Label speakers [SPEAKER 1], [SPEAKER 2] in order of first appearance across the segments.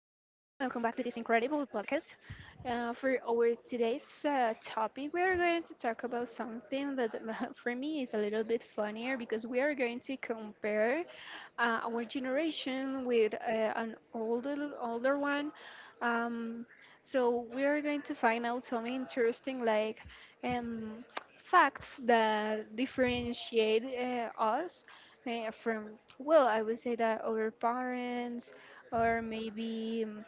[SPEAKER 1] to this incredible podcast. For our today's topic, we are going to talk about something that for me is a little bit funnier because we are going to compare our generation with an older one. Um, so we are going to find out some interesting like um, facts that differentiate us from well, I would say that our parents or maybe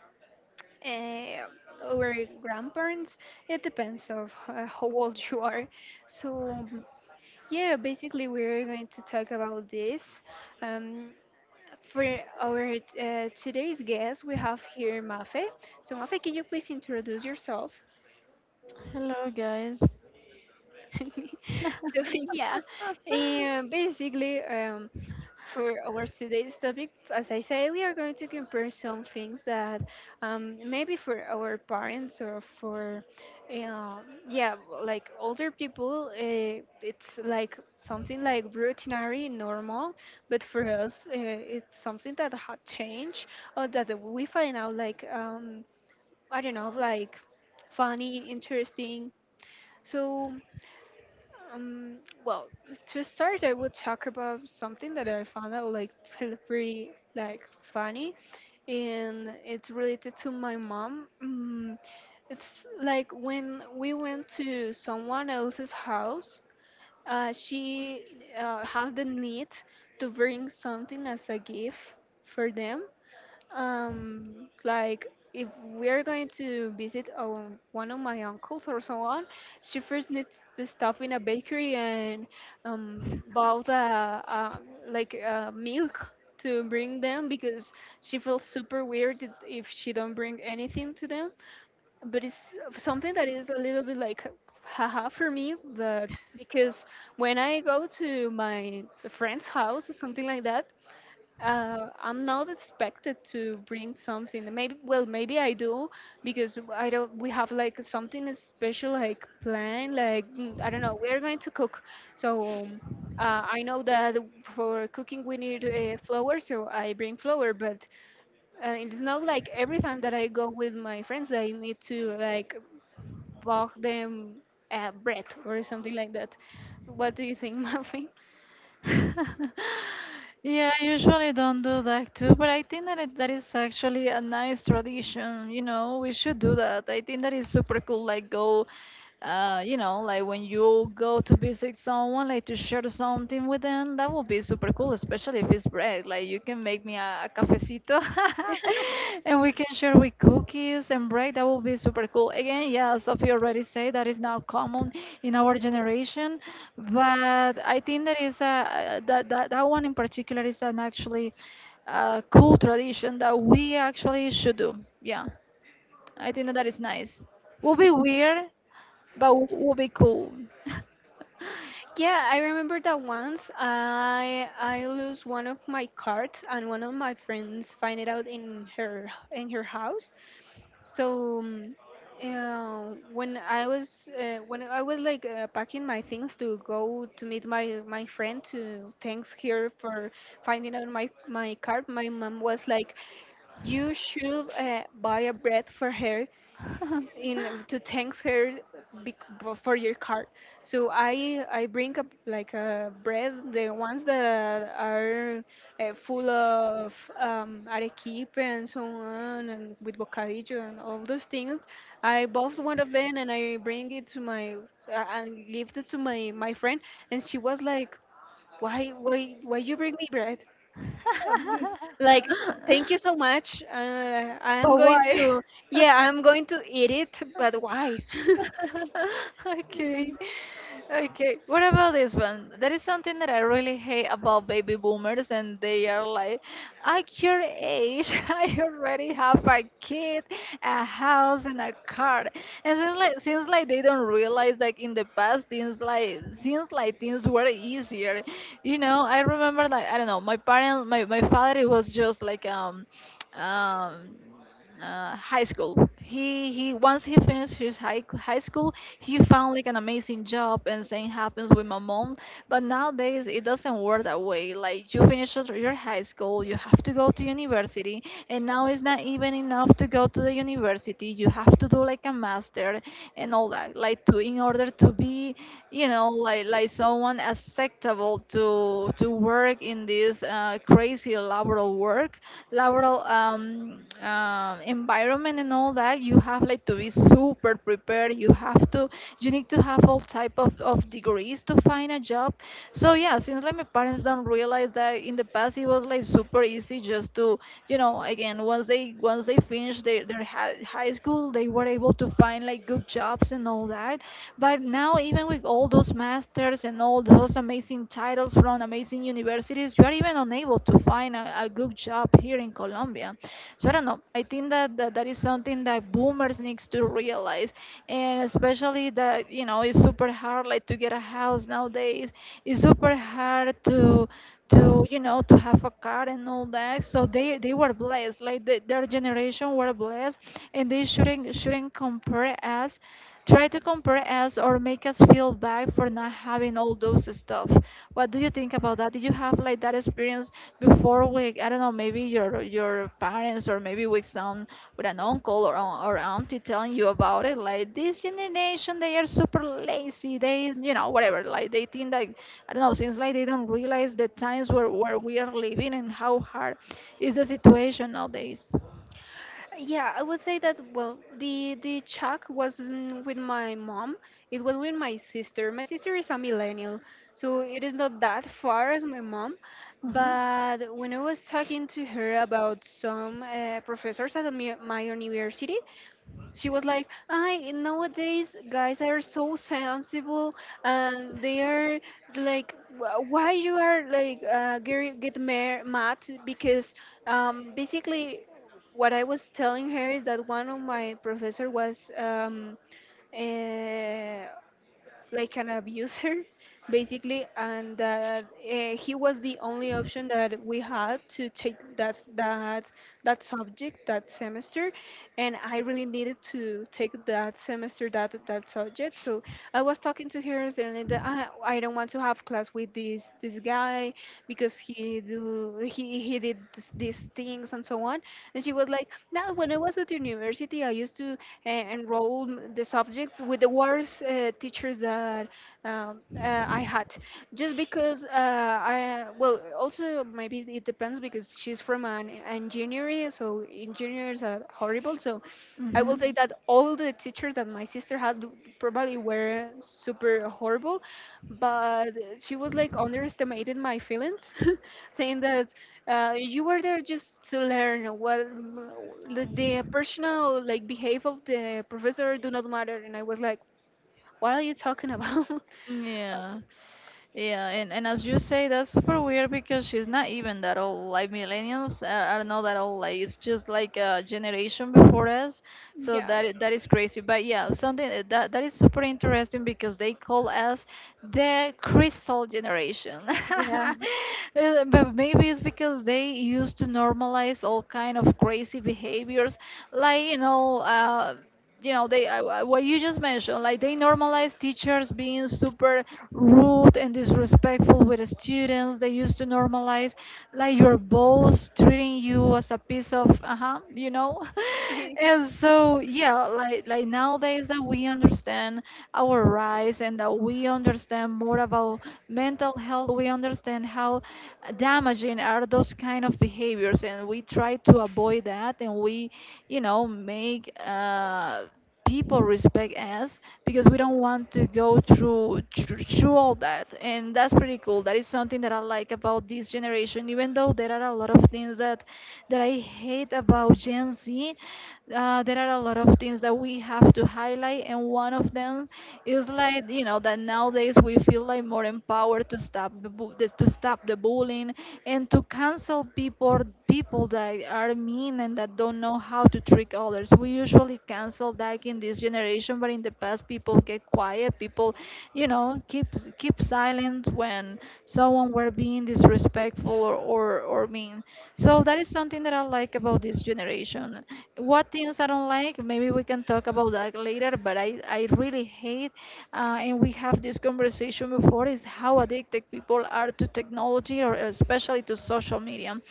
[SPEAKER 1] uh, our grandparents. It depends of how old you are. So yeah, basically we're going to talk about this. Um, for our today's guest, we have here Mafe. So, Mafe, can you please introduce yourself?
[SPEAKER 2] Hello, guys.
[SPEAKER 1] So, yeah, and basically, for our today's topic, as I say, we are going to compare some things that maybe for our parents or for, uh, yeah, like older people, it's like something like routinary, normal, but for us, it's something that had changed or that we find out like, I don't know, like funny, interesting. So um, well, to start, I will talk about something that I found out like pretty like funny, and it's related to my mom. It's like when we went to someone else's house, she had the need to bring something as a gift for them, like if we are going to visit one of my uncles or so on, she first needs to stop in a bakery and buy the like milk to bring them because she feels super weird if she don't bring anything to them. But it's something that is a little bit like haha for me, but because when I go to my friend's house or something like that, I'm not expected to bring something. Maybe, well, maybe I do because I don't. We have like something special, like plan, like I don't know. We're going to cook, so I know that for cooking we need flour, so I bring flour. But it's not like every time that I go with my friends, I need to like bake them bread or something like that. What do you think, Mafi?
[SPEAKER 2] Yeah, I usually don't do that too, but I think that that is actually a nice tradition. You know, we should do that. I think that is super cool. Like go, you know, like when you go to visit someone, like to share something with them, that would be super cool, especially if it's bread. Like you can make me a and we can share with cookies and bread. That would be super cool. Again, yeah, Sophie already said that is now common in our generation, but I think that is that one in particular is an actually cool tradition that we actually should do. Yeah, I think that that is nice. Will be weird, but will be cool.
[SPEAKER 1] Yeah, I remember that once I lose one of my cards and one of my friends find it out in her house. So when I was when I was like packing my things to go to meet my friend to thanks her for finding out my card, my mom was like, "You should buy a bread for her in to thank her for your card." So I bring up like a bread, the ones that are full of arequipe and so on, and with bocadillo and all those things. I bought one of them and I bring it to my and give it to my my friend, and she was like, "Why why you bring me bread?" um, like, thank you so much, I am
[SPEAKER 2] But
[SPEAKER 1] going
[SPEAKER 2] why?
[SPEAKER 1] to yeah I'm going to eat it, but why?
[SPEAKER 2] Okay.
[SPEAKER 1] Mm,
[SPEAKER 2] Okay. What about this one? That is something that I really hate about baby boomers, and they are like, at your age, I already have a kid, a house, and a car. And since like they don't realize like in the past, things like since like things were easier. You know, I remember like I don't know, my parents, my father, he was just like um high school. He once he finished his high school, he found like an amazing job, and same happens with my mom. But nowadays it doesn't work that way. Like you finish your high school, you have to go to university, and now it's not even enough to go to the university. You have to do like a master and all that, like to in order to be, you know, like someone acceptable to work in this crazy laboral environment, and all that, you have like to be super prepared. You need to have all type of degrees to find a job. So yeah, since like my parents don't realize that in the past it was like super easy, just to, again, once they finished their high school, they were able to find like good jobs and all that. But now, even with all those masters and all those amazing titles from amazing universities, you are even unable to find a good job here in Colombia. So I don't know. I think that, that is something that boomers needs to realize, and especially that, you know, it's super hard like to get a house nowadays. It's super hard to, you know, to have a car and all that. So they were blessed, like their generation were blessed, and they shouldn't compare us try to compare us or make us feel bad for not having all those stuff. What do you think about that? Did you have like that experience before? We I don't know, maybe your parents or maybe with some, with an uncle or auntie telling you about it, like this generation, they are super lazy. They, you know, whatever, like they think that, I don't know, since like they don't realize the times where we are living and how hard is the situation nowadays.
[SPEAKER 1] yeah, I would say that well the chuck wasn't with my mom, it was with my sister. My sister is a millennial, so it is not that far as my mom.
[SPEAKER 2] Mhm.
[SPEAKER 1] But when I was talking to her about some professors at the my university, she was like, I "nowadays guys are so sensible and they are like, " Why you are like mad?" Because basically what I was telling her is that one of my professor was uh, like an abuser basically, and that he was the only option that we had to take that subject that semester. And I really needed to take that semester that subject. So I was talking to her saying that I don't want to have class with this guy because he do he did this, these things and so on. And she was like, "No, when I was at university, I used to enroll the subjects with the worst teachers that I had, just because I well, also maybe it depends because she's from an engineering, so engineers are horrible. So I will say that all the teachers that my sister had probably were super horrible, but she was like underestimating my feelings, saying that you were there just to learn what, the personal like behavior of the professor do not matter. And I was like, what are you talking about?
[SPEAKER 2] What? Yeah. Yeah, and as you say, that's super weird because she's not even that old. Like millennials are not that old. Like it's just like a generation before us. So
[SPEAKER 1] Yeah,
[SPEAKER 2] that is crazy. But yeah, something that is super interesting because they call us the crystal generation.
[SPEAKER 1] yeah.
[SPEAKER 2] But maybe it's because they used to normalize all kind of crazy behaviors, like, you know. You know they What you just mentioned, like they normalize teachers being super rude and disrespectful with the students. They used to normalize like your boss treating you as a piece of uh-huh, you know. And so yeah, like nowadays that we understand our rights, and that we understand more about mental health, we understand how damaging are those kind of behaviors, and we try to avoid that, and we, you know, make people respect us because we don't want to go through all that. And that's pretty cool. That is something that I like about this generation. Even though there are a lot of things that I hate about Gen Z, there are a lot of things that we have to highlight, and one of them is, like, you know, that nowadays we feel like more empowered to stop the bullying, and to cancel people, that are mean and that don't know how to trick others. We usually cancel that in this generation, but in the past people get quiet, people, you know, keep silent when someone were being disrespectful, or mean. So that is something that I like about this generation. What things I don't like, maybe we can talk about that later, but I really hate, and we have this conversation before, is how addicted people are to technology, or especially to social media,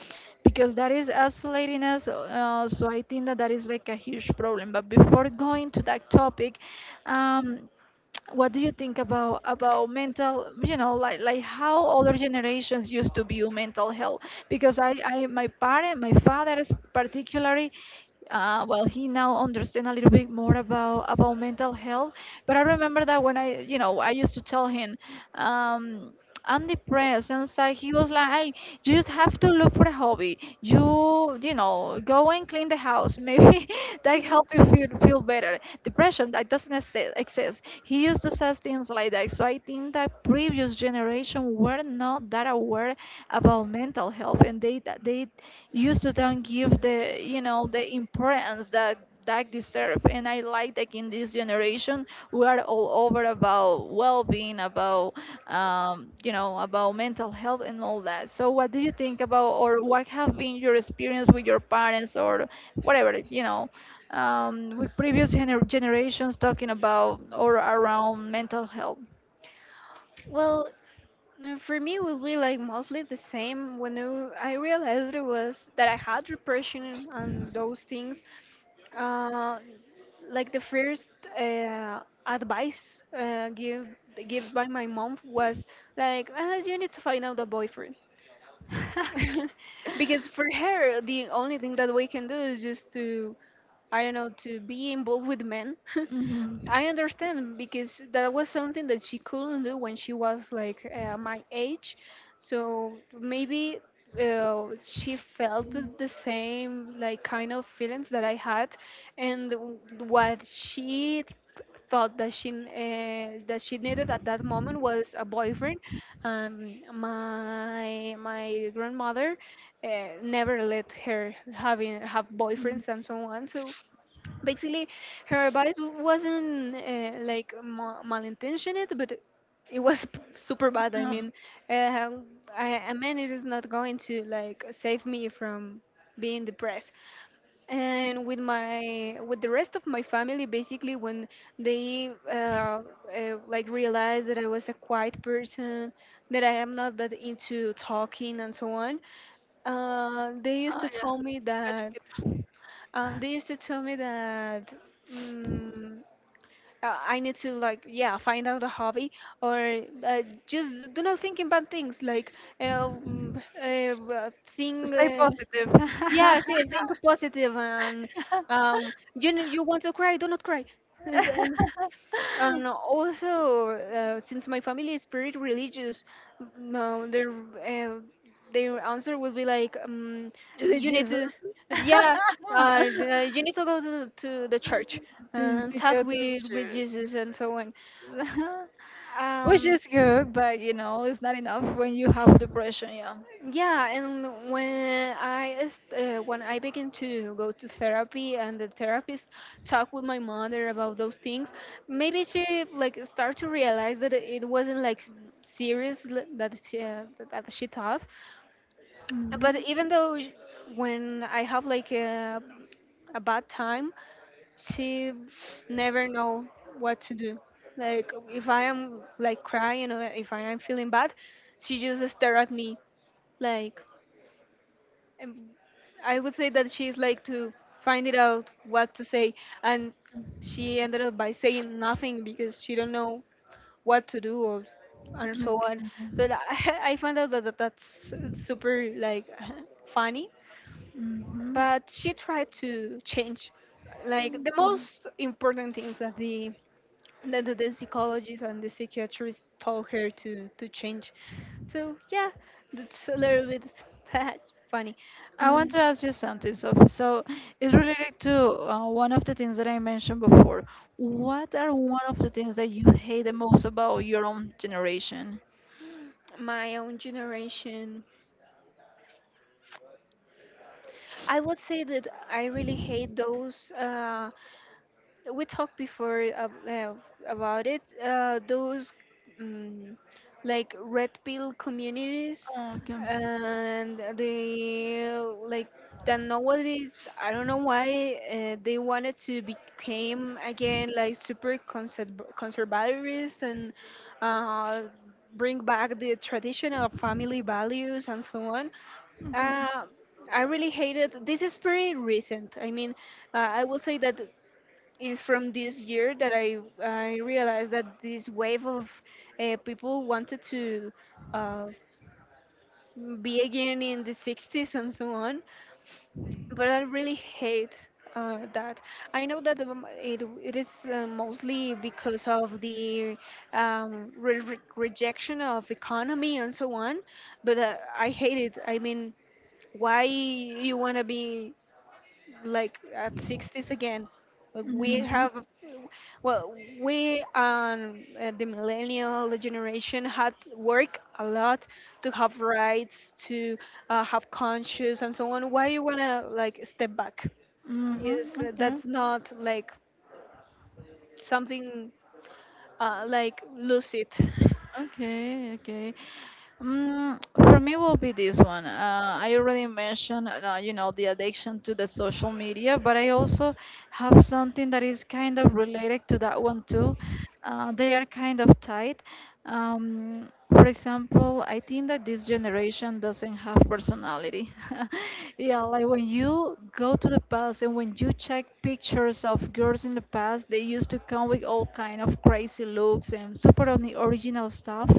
[SPEAKER 2] because that is isolating us. So I think that is like a huge problem. But before going to that topic, um, what do you think about mental, you know, like how older generations used to view mental health? Because I my father is particularly, well, he now understand a little bit more about mental health. But I remember that when I you know I used to tell him, um I'm depressed. And it's like he was like, "Hey, you just have to look for a hobby. You go and clean the house. Maybe that help you feel better. Depression that doesn't exist. He used to say things like that. So I think that previous generation were not that aware about mental health, and they used to don't give the you know the importance that deserve. And I like that in this generation we are all over about well-being, about mental health and all that. So, what do you think about, or what have been your experience with your parents or whatever, with previous generations talking about or around mental health?
[SPEAKER 1] Well, for me, it will be like mostly the same. When I realized it was that I had repression on those things, uh, like the first advice given by my mom was like, ah, you need to find out a boyfriend. Because for her the only thing that we can do is just to I don't know, to be involved with men.
[SPEAKER 2] Mhm.
[SPEAKER 1] I understand because that was something that she couldn't do when she was like my age. So maybe she felt the same like kind of feelings that I had. and w- what she thought that she needed at that moment was a boyfriend. My grandmother never let her having have
[SPEAKER 2] Mm.
[SPEAKER 1] boyfriends and so on. So basically, her advice wasn't malintentioned, but it was super bad. I mean, uh, I, a man is not going to like save me from being depressed. And with my with the rest of my family, basically, when they like realized that I was a quiet person, that I am not that into talking and so on, uh, they used
[SPEAKER 2] Oh,
[SPEAKER 1] to
[SPEAKER 2] yeah.
[SPEAKER 1] tell me
[SPEAKER 2] Gotcha,
[SPEAKER 1] that
[SPEAKER 2] people.
[SPEAKER 1] they used to tell me that. Mm I need to like yeah find out a hobby or just do not think in bad things like uh, mm, uh, uh, thing.
[SPEAKER 2] Stay positive.
[SPEAKER 1] Yeah, see, think positive and you know, you want to cry, do not cry. And and also, since my family is pretty religious, no, their answer will be like,
[SPEAKER 2] To the
[SPEAKER 1] you need
[SPEAKER 2] Jesus.
[SPEAKER 1] to, yeah, you need to go to the church
[SPEAKER 2] to,
[SPEAKER 1] and
[SPEAKER 2] to
[SPEAKER 1] talk
[SPEAKER 2] go to the
[SPEAKER 1] with
[SPEAKER 2] church.
[SPEAKER 1] Jesus and so on.
[SPEAKER 2] Which
[SPEAKER 1] Um,
[SPEAKER 2] is good, but, you know, it's not enough when you have depression, yeah.
[SPEAKER 1] Yeah, and when when I began to go to therapy and the therapist talked with my mother about those things, maybe she like started to realize that it wasn't like serious that she thought.
[SPEAKER 2] Mhm.
[SPEAKER 1] But even though when I have like a bad time, she never know what to do. Like if I am like crying or if I am feeling bad, she just stare at me like. Um, I would say that she's like to find it out what to say, and she ended up by saying nothing because she don't know what to do or and so on. So
[SPEAKER 2] Okay.
[SPEAKER 1] I found out that that's super like funny,
[SPEAKER 2] Mhm. Mhm.
[SPEAKER 1] but she tried to change. Like the most important things that the psychologist and the psychiatrist told her to change. So yeah, that's a little bit funny.
[SPEAKER 2] I want
[SPEAKER 1] Mm.
[SPEAKER 2] to ask you something, Sophie. So it's related to one of the things that I mentioned before. What are one of the things that you hate the most about your own generation?
[SPEAKER 1] My own generation. I would say that I really hate those. We talked before about it. Those um, like red pill communities
[SPEAKER 2] Oh, okay.
[SPEAKER 1] and the like, that nowadays I don't know why they wanted to become again like super conservativist and uh, bring back the traditional family values and so on.
[SPEAKER 2] Okay.
[SPEAKER 1] uh, I really hated. This is pretty recent. I mean, I will say that it is from this year that I realized that this wave of people wanted to uh, be again in the 60s and so on, but I really hate that. I know that it it is mostly because of the rejection of economy and so on, but I hate it. I mean, why you wanna be like at 60s again. Like, we
[SPEAKER 2] Mm-hmm.
[SPEAKER 1] have, well, we and the millennial generation had work a lot to have rights, to have conscience, and so on. Why you wanna like step back?
[SPEAKER 2] Mm-hmm.
[SPEAKER 1] Is
[SPEAKER 2] Okay.
[SPEAKER 1] that's not like something like lose it?
[SPEAKER 2] Okay, okay. Mm, for me will be this one. I already mentioned, the addiction to the social media, but I also have something that is kind of related to that one too. They are kind of tied. For example, I think that this generation doesn't have personality. Yeah, like when you go to the past and when you check pictures of girls in the past, they used to come with all kind of crazy looks and super on the original stuff.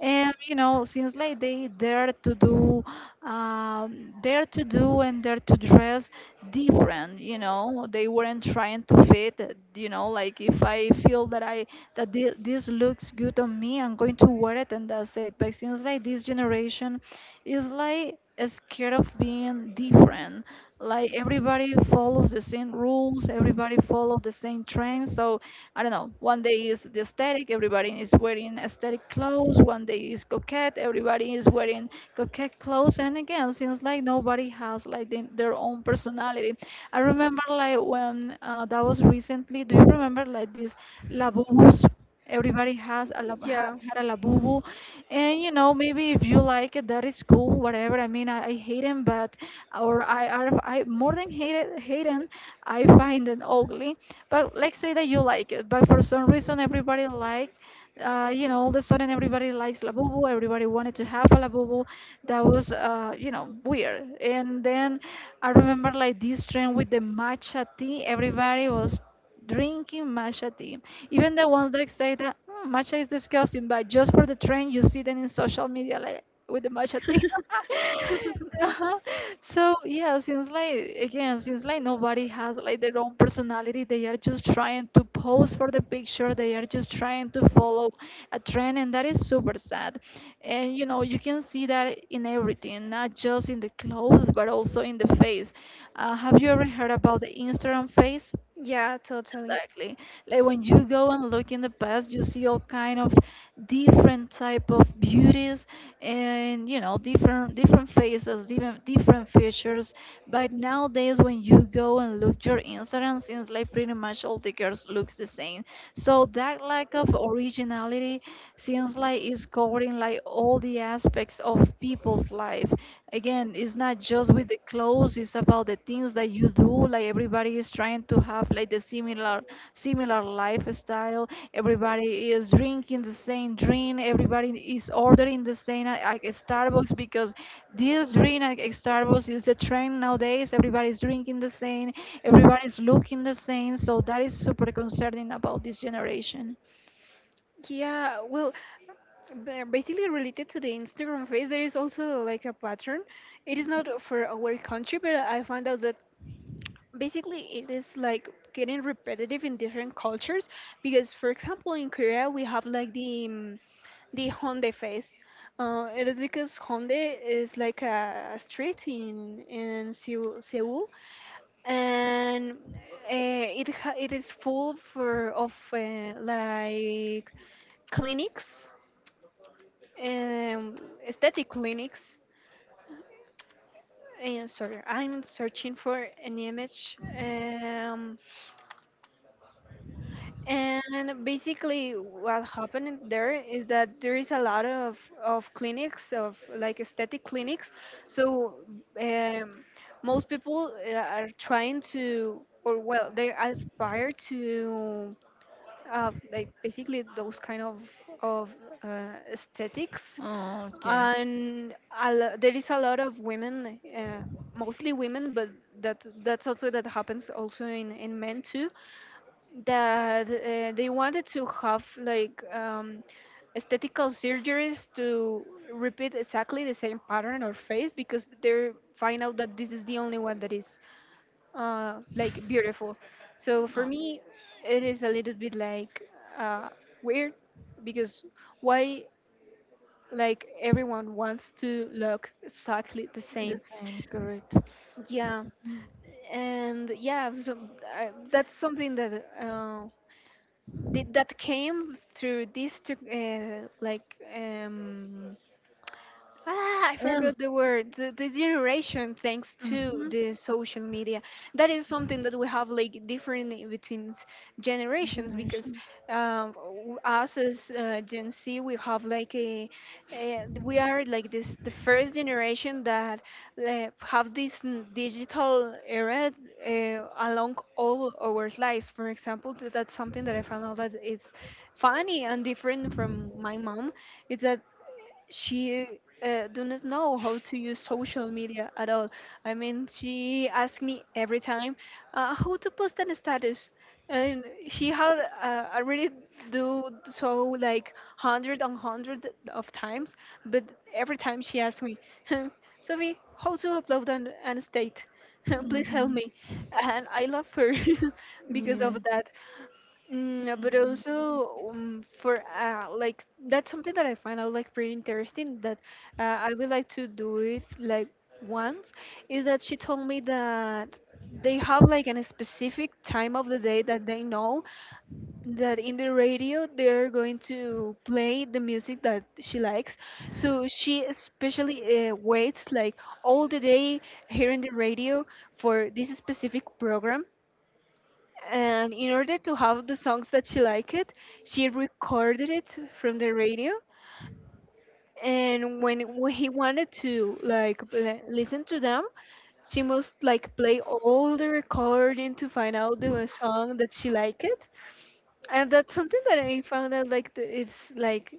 [SPEAKER 2] And you know, since like they dare to do and dare to dress different. You know, they weren't trying to fit. You know, like if I feel that this looks good on me, I'm going to wear it and that's it. But it seems like this generation is like scared of being different. Like everybody follows the same rules, everybody follows the same trend. So I don't know. One day is the aesthetic, everybody is wearing aesthetic clothes. One day is coquette, everybody is wearing coquette clothes. And again, seems like nobody has like their own personality society. I remember like when that was recently. Do you remember like these labubus? Everybody has a lab, ha,
[SPEAKER 1] Yeah,
[SPEAKER 2] had a labubu, and you know maybe if you like it, that is cool. Whatever. I mean, I hate him, but or I more than hate him. I find it ugly. But let's say that you like it, but for some reason everybody like you know, all of a sudden everybody likes Labubu. Everybody wanted to have a Labubu. That was weird. And then I remember like this trend with the matcha tea. Everybody was drinking matcha tea. Even the ones that say that, "Mm, matcha is disgusting," but just for the trend, you see them in social media like with the matcha tea. Uh-huh. So yeah, since like nobody has like their own personality, they are just trying to pose for the picture. They are just trying to follow a trend, and that is super sad. And you can see that in everything, not just in the clothes, but also in the face. Have you ever heard about the Instagram face?
[SPEAKER 1] yeah, totally.
[SPEAKER 2] Exactly. Like when you go and look in the past, you see all kind of different type of beauties, and different faces, different features. But nowadays, when you go and look your Instagram, since like pretty much all the girls looks the same. So that lack of originality, since like it's covering like all the aspects of people's life, again, it's not just with the clothes, it's about the things that you do. Like everybody is trying to have like the similar lifestyle. Everybody is drinking the same drink. Everybody is ordering the same at Starbucks, because this drink at Starbucks is a trend nowadays. Everybody's drinking the same. Everybody's looking the same. So that is super concerning about this generation.
[SPEAKER 1] Yeah, well, basically related to the Instagram face, there is also like a pattern. It is not for our country, but I found out that basically it is like getting repetitive in different cultures. Because, for example, in Korea we have like the Honda face. It is because Honda is like a street in Seoul, Seoul, and it is full for of like clinics, um, aesthetic clinics. And sorry, I'm searching for an image. And basically, what happened there is that there is a lot of clinics, of like aesthetic clinics. So um, most people are trying to, or well, they aspire to like basically those kind of aesthetics.
[SPEAKER 2] Oh.
[SPEAKER 1] And there is a lot of women, mostly women, but that's also
[SPEAKER 2] Oh.
[SPEAKER 1] that happens also in men too, that they wanted to have like aesthetical surgeries to repeat exactly the same pattern or face because they find out that this is the only one that is like beautiful. So for me, it is a little bit like uh, weird, because why like everyone wants to look exactly the
[SPEAKER 2] The
[SPEAKER 1] same.
[SPEAKER 2] same, correct.
[SPEAKER 1] Yeah,
[SPEAKER 2] Mm.
[SPEAKER 1] and yeah, so that's something that that came through this like ah, I forgot the word. The generation, thanks to the social media, that is something that we have like different generations, because us as Gen Z, we have like a we are like this the first generation that have this digital era along all our lives. For example, that's something that I found out that is funny and different from my mom. Is that she do not know how to use social media at all. I mean, she asked me every time how to post an status, and she had already do so like hundred and hundred of times. But every time she asked me, "Hmm, Sophie, how to upload an state? Please help me. And I love her because of that. Mm, no, but also for like that's something that I find out like pretty interesting that I would like to do it like once, is that she told me that they have like a specific time of the day that they know that in the radio they're going to play the music that she likes, so she especially waits like all the day here in the radio for this specific program, and in order to have the songs that she liked, she recorded it from the radio. And when he wanted to like listen to them, she must like play all the recording to find out the song that she liked. And that's something that I found out like it's like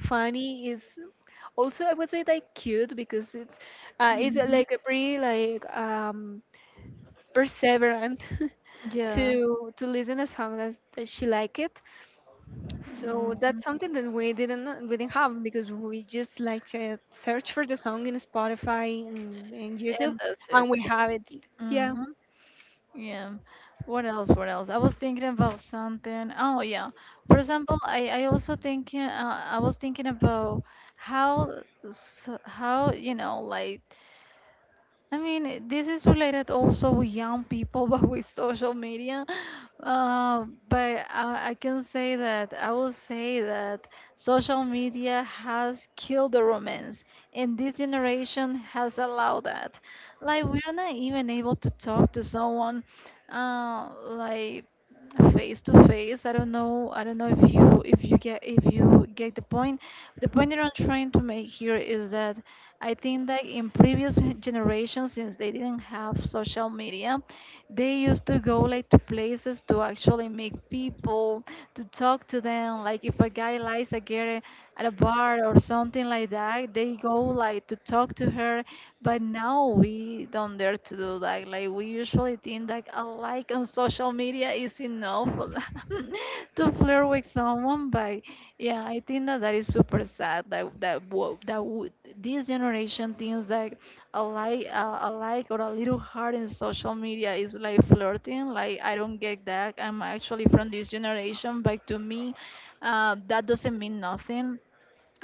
[SPEAKER 1] funny, is also I would say like cute, because it's like a pretty like perseverant
[SPEAKER 2] like
[SPEAKER 1] to listen a song that, that she liked it. So
[SPEAKER 2] Mhm.
[SPEAKER 1] that's something that we didn't have, because we just like to search for the song in Spotify and YouTube,
[SPEAKER 2] And that's when
[SPEAKER 1] and
[SPEAKER 2] we
[SPEAKER 1] we
[SPEAKER 2] it.
[SPEAKER 1] have it.
[SPEAKER 2] Yeah.
[SPEAKER 1] Yeah,
[SPEAKER 2] Hmm. Yeah. What else? What else? I was thinking about something. Oh yeah. For example, I was thinking about how how like I mean, this is related also with young people, but with social media. But I can say that I will say that social media has killed the romance, and this generation has allowed that. Like, we're not even able to talk to someone, like face to face. I don't know, if you get the point. The point that I'm trying to make here is that I think that in previous generations, since they didn't have social media, they used to go like to places to actually meet people, to talk to them. Like if a guy likes a girl at a bar or something like that, they go like to talk to her. But now we don't dare to do that. Like we usually think that a like on social media is enough to flirt with someone. But yeah, I think that that is super sad. This generation thinks that a like or a little heart in social media is like flirting. Like I don't get that. I'm actually from this generation, but to me, that doesn't mean nothing,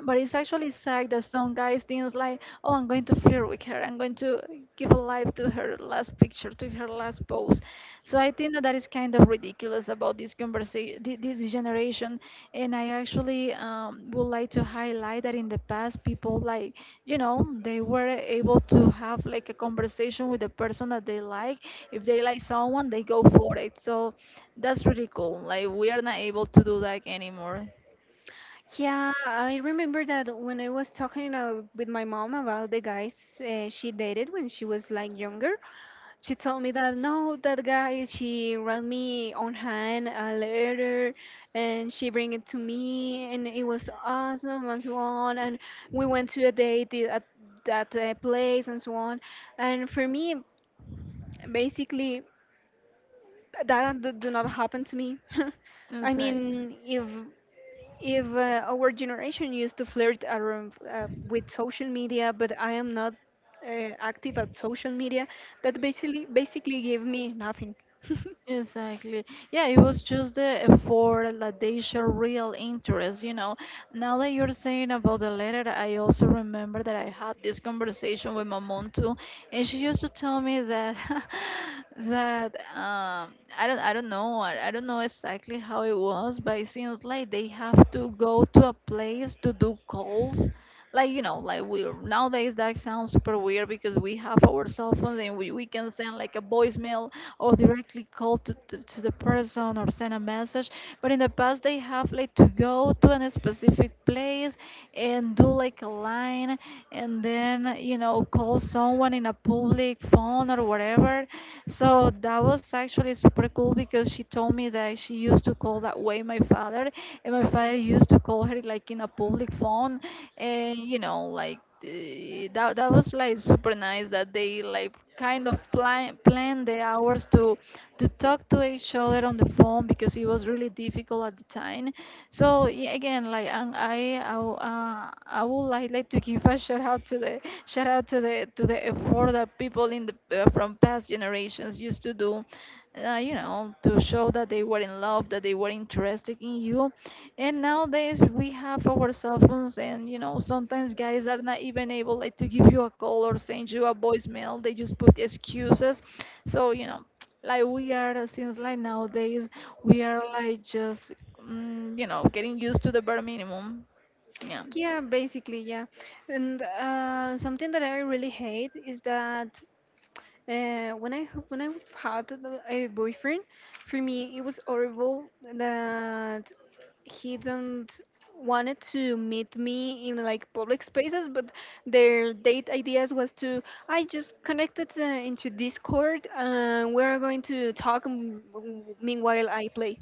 [SPEAKER 2] but it's actually sad that some guys think like, oh, I'm going to flirt with her. I'm going to give a life to her last picture, to her last pose. So I think that that is kind of ridiculous about this conversation, this generation. And I actually would like to highlight that in the past, people, like, they were able to have like a conversation with the person that they like. If they like someone, they go for it. So that's really cool. Like we are not able to do that anymore.
[SPEAKER 1] yeah. I remember that when I was talking with my mom about the guys she dated when she was like younger. She told me that no, that guy, she wrote me on hand a letter and she bring it to me and it was awesome and so on. And we went to a date at that place and so on. And for me, basically, that do not happen to me. I
[SPEAKER 2] It's
[SPEAKER 1] mean,
[SPEAKER 2] like.
[SPEAKER 1] if our generation used to flirt around with social media, but I am not active at social media, that basically gave me nothing.
[SPEAKER 2] Exactly. Yeah, it was just the effort that they show real interest. Now that you're saying about the letter, I also remember that I had this conversation with my mom too, and she used to tell me that that I don't know exactly how it was, but it seems like they have to go to a place to do calls. Like you know, like we nowadays, that sounds super weird because we have our cell phones, and we can send like a voicemail or directly call to the person, or send a message. But in the past, they have like to go to a specific place and do like a line, and then, call someone in a public phone or whatever. So that was actually super cool, because she told me that she used to call that way my father, and my father used to call her like in a public phone, and like that that was like super nice that they like kind of plan the hours to talk to each other on the phone, because it was really difficult at the time. So yeah, again, like, and I would like to give a shout out to the effort that people in the from past generations used to do, to show that they were in love, that they were interested in you. And nowadays we have our cell phones, and sometimes guys are not even able like to give you a call or send you a voicemail. They just put excuses. So, like we are, since like nowadays we are like just, getting used to the bare minimum. Yeah.
[SPEAKER 1] Yeah, basically, yeah. And something that I really hate is that, when I had a boyfriend, for me it was horrible that he don't wanted to meet me in like public spaces, but their date ideas was to, I just connected into Discord and we're going to talk meanwhile I play.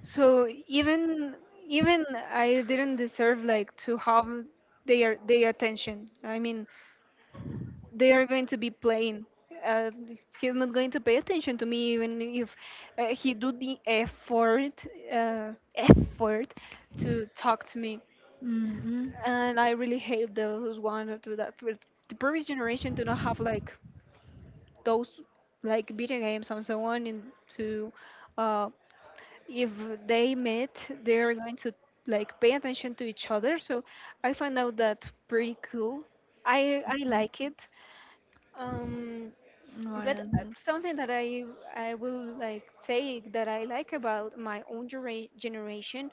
[SPEAKER 1] So even I didn't deserve like to have their attention. I mean, they are going to be playing. Uh, he's not going to pay attention to me, even if he do the effort, uh, effort to talk to me.
[SPEAKER 2] Mm-hmm.
[SPEAKER 1] And I really hate those one or two that. But the previous generation do not have like those like video games and so on. And to uh, if they met, they are going to like pay attention to each other. So I find out that pretty cool. I like it. Um,
[SPEAKER 2] What
[SPEAKER 1] but
[SPEAKER 2] else?
[SPEAKER 1] something that I will like say that I like about my own generation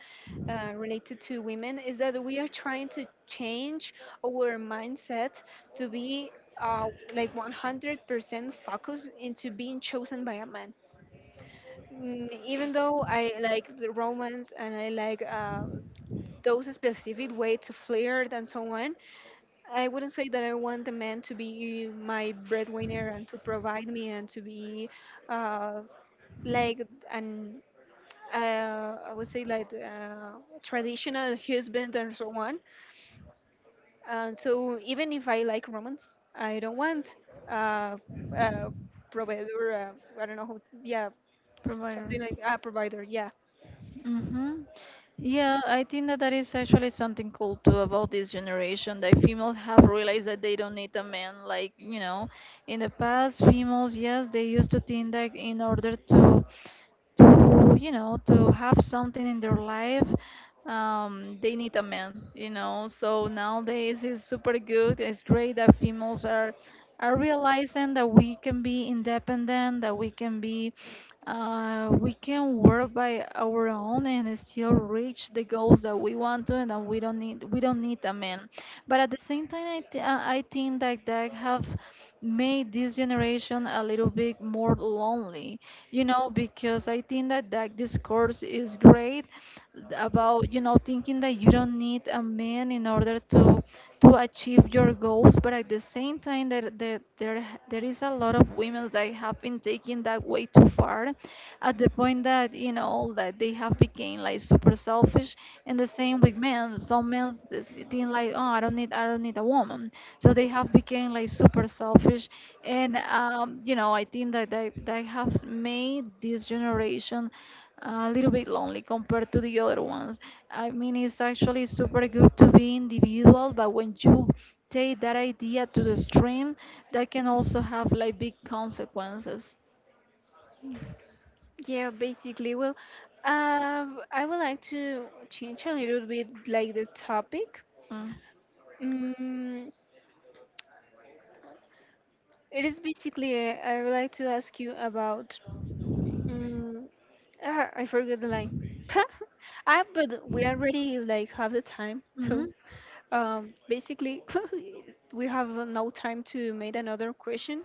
[SPEAKER 1] related to women is that we are trying to change our mindset to be uh, like 100% focused into being chosen by a man. Mm, even though I like the romance and I like those specific way to flirt and so on, I wouldn't say that I want a man to be my breadwinner and to provide me and to be uh, like an I would say like traditional husband and so on. And so even if I like romance, I don't want uh, uh, provider. I don't know who. Yeah, something
[SPEAKER 2] Provider.
[SPEAKER 1] like a provider. Yeah,
[SPEAKER 2] Mm-hmm. Yeah, I think that that is actually something cool too about this generation, that females have realized that they don't need a man. Like, in the past, females, yes, they used to think that in order to you know to have something in their life, they need a man, so nowadays it's super good, it's great that females are realizing that we can be independent, that we can be, we can work by our own and still reach the goals that we want to, and that we don't need a man. But at the same time, I think that that have made this generation a little bit more lonely, because I think that that discourse is great about, thinking that you don't need a man in order to achieve your goals, but at the same time, that there is a lot of women that have been taking that way too far, at the point that you know that they have become like super selfish. And the same with men. Some men just think like, oh, I don't need a woman, so they have become like super selfish. And I think that they have made this generation a little bit lonely compared to the other ones. I mean, it's actually super good to be individual, but when you take that idea to the extreme, that can also have like big consequences.
[SPEAKER 1] yeah, basically. Well, I would like to change a little bit like the topic.
[SPEAKER 2] Mm.
[SPEAKER 1] Mm, it is basically, I would like to ask you about. Mm, ah, I forgot the line. Ah, but we already like have the time, so basically we have no time to make another question.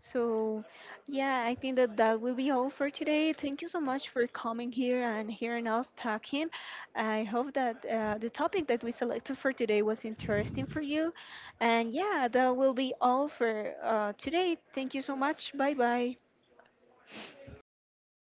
[SPEAKER 1] So, yeah, I think that that will be all for today. Thank you so much for coming here and hearing us talking. I hope that the topic that we selected for today was interesting for you. And yeah, that will be all for today. Thank you so much. Bye bye.
[SPEAKER 2] Mm-hmm.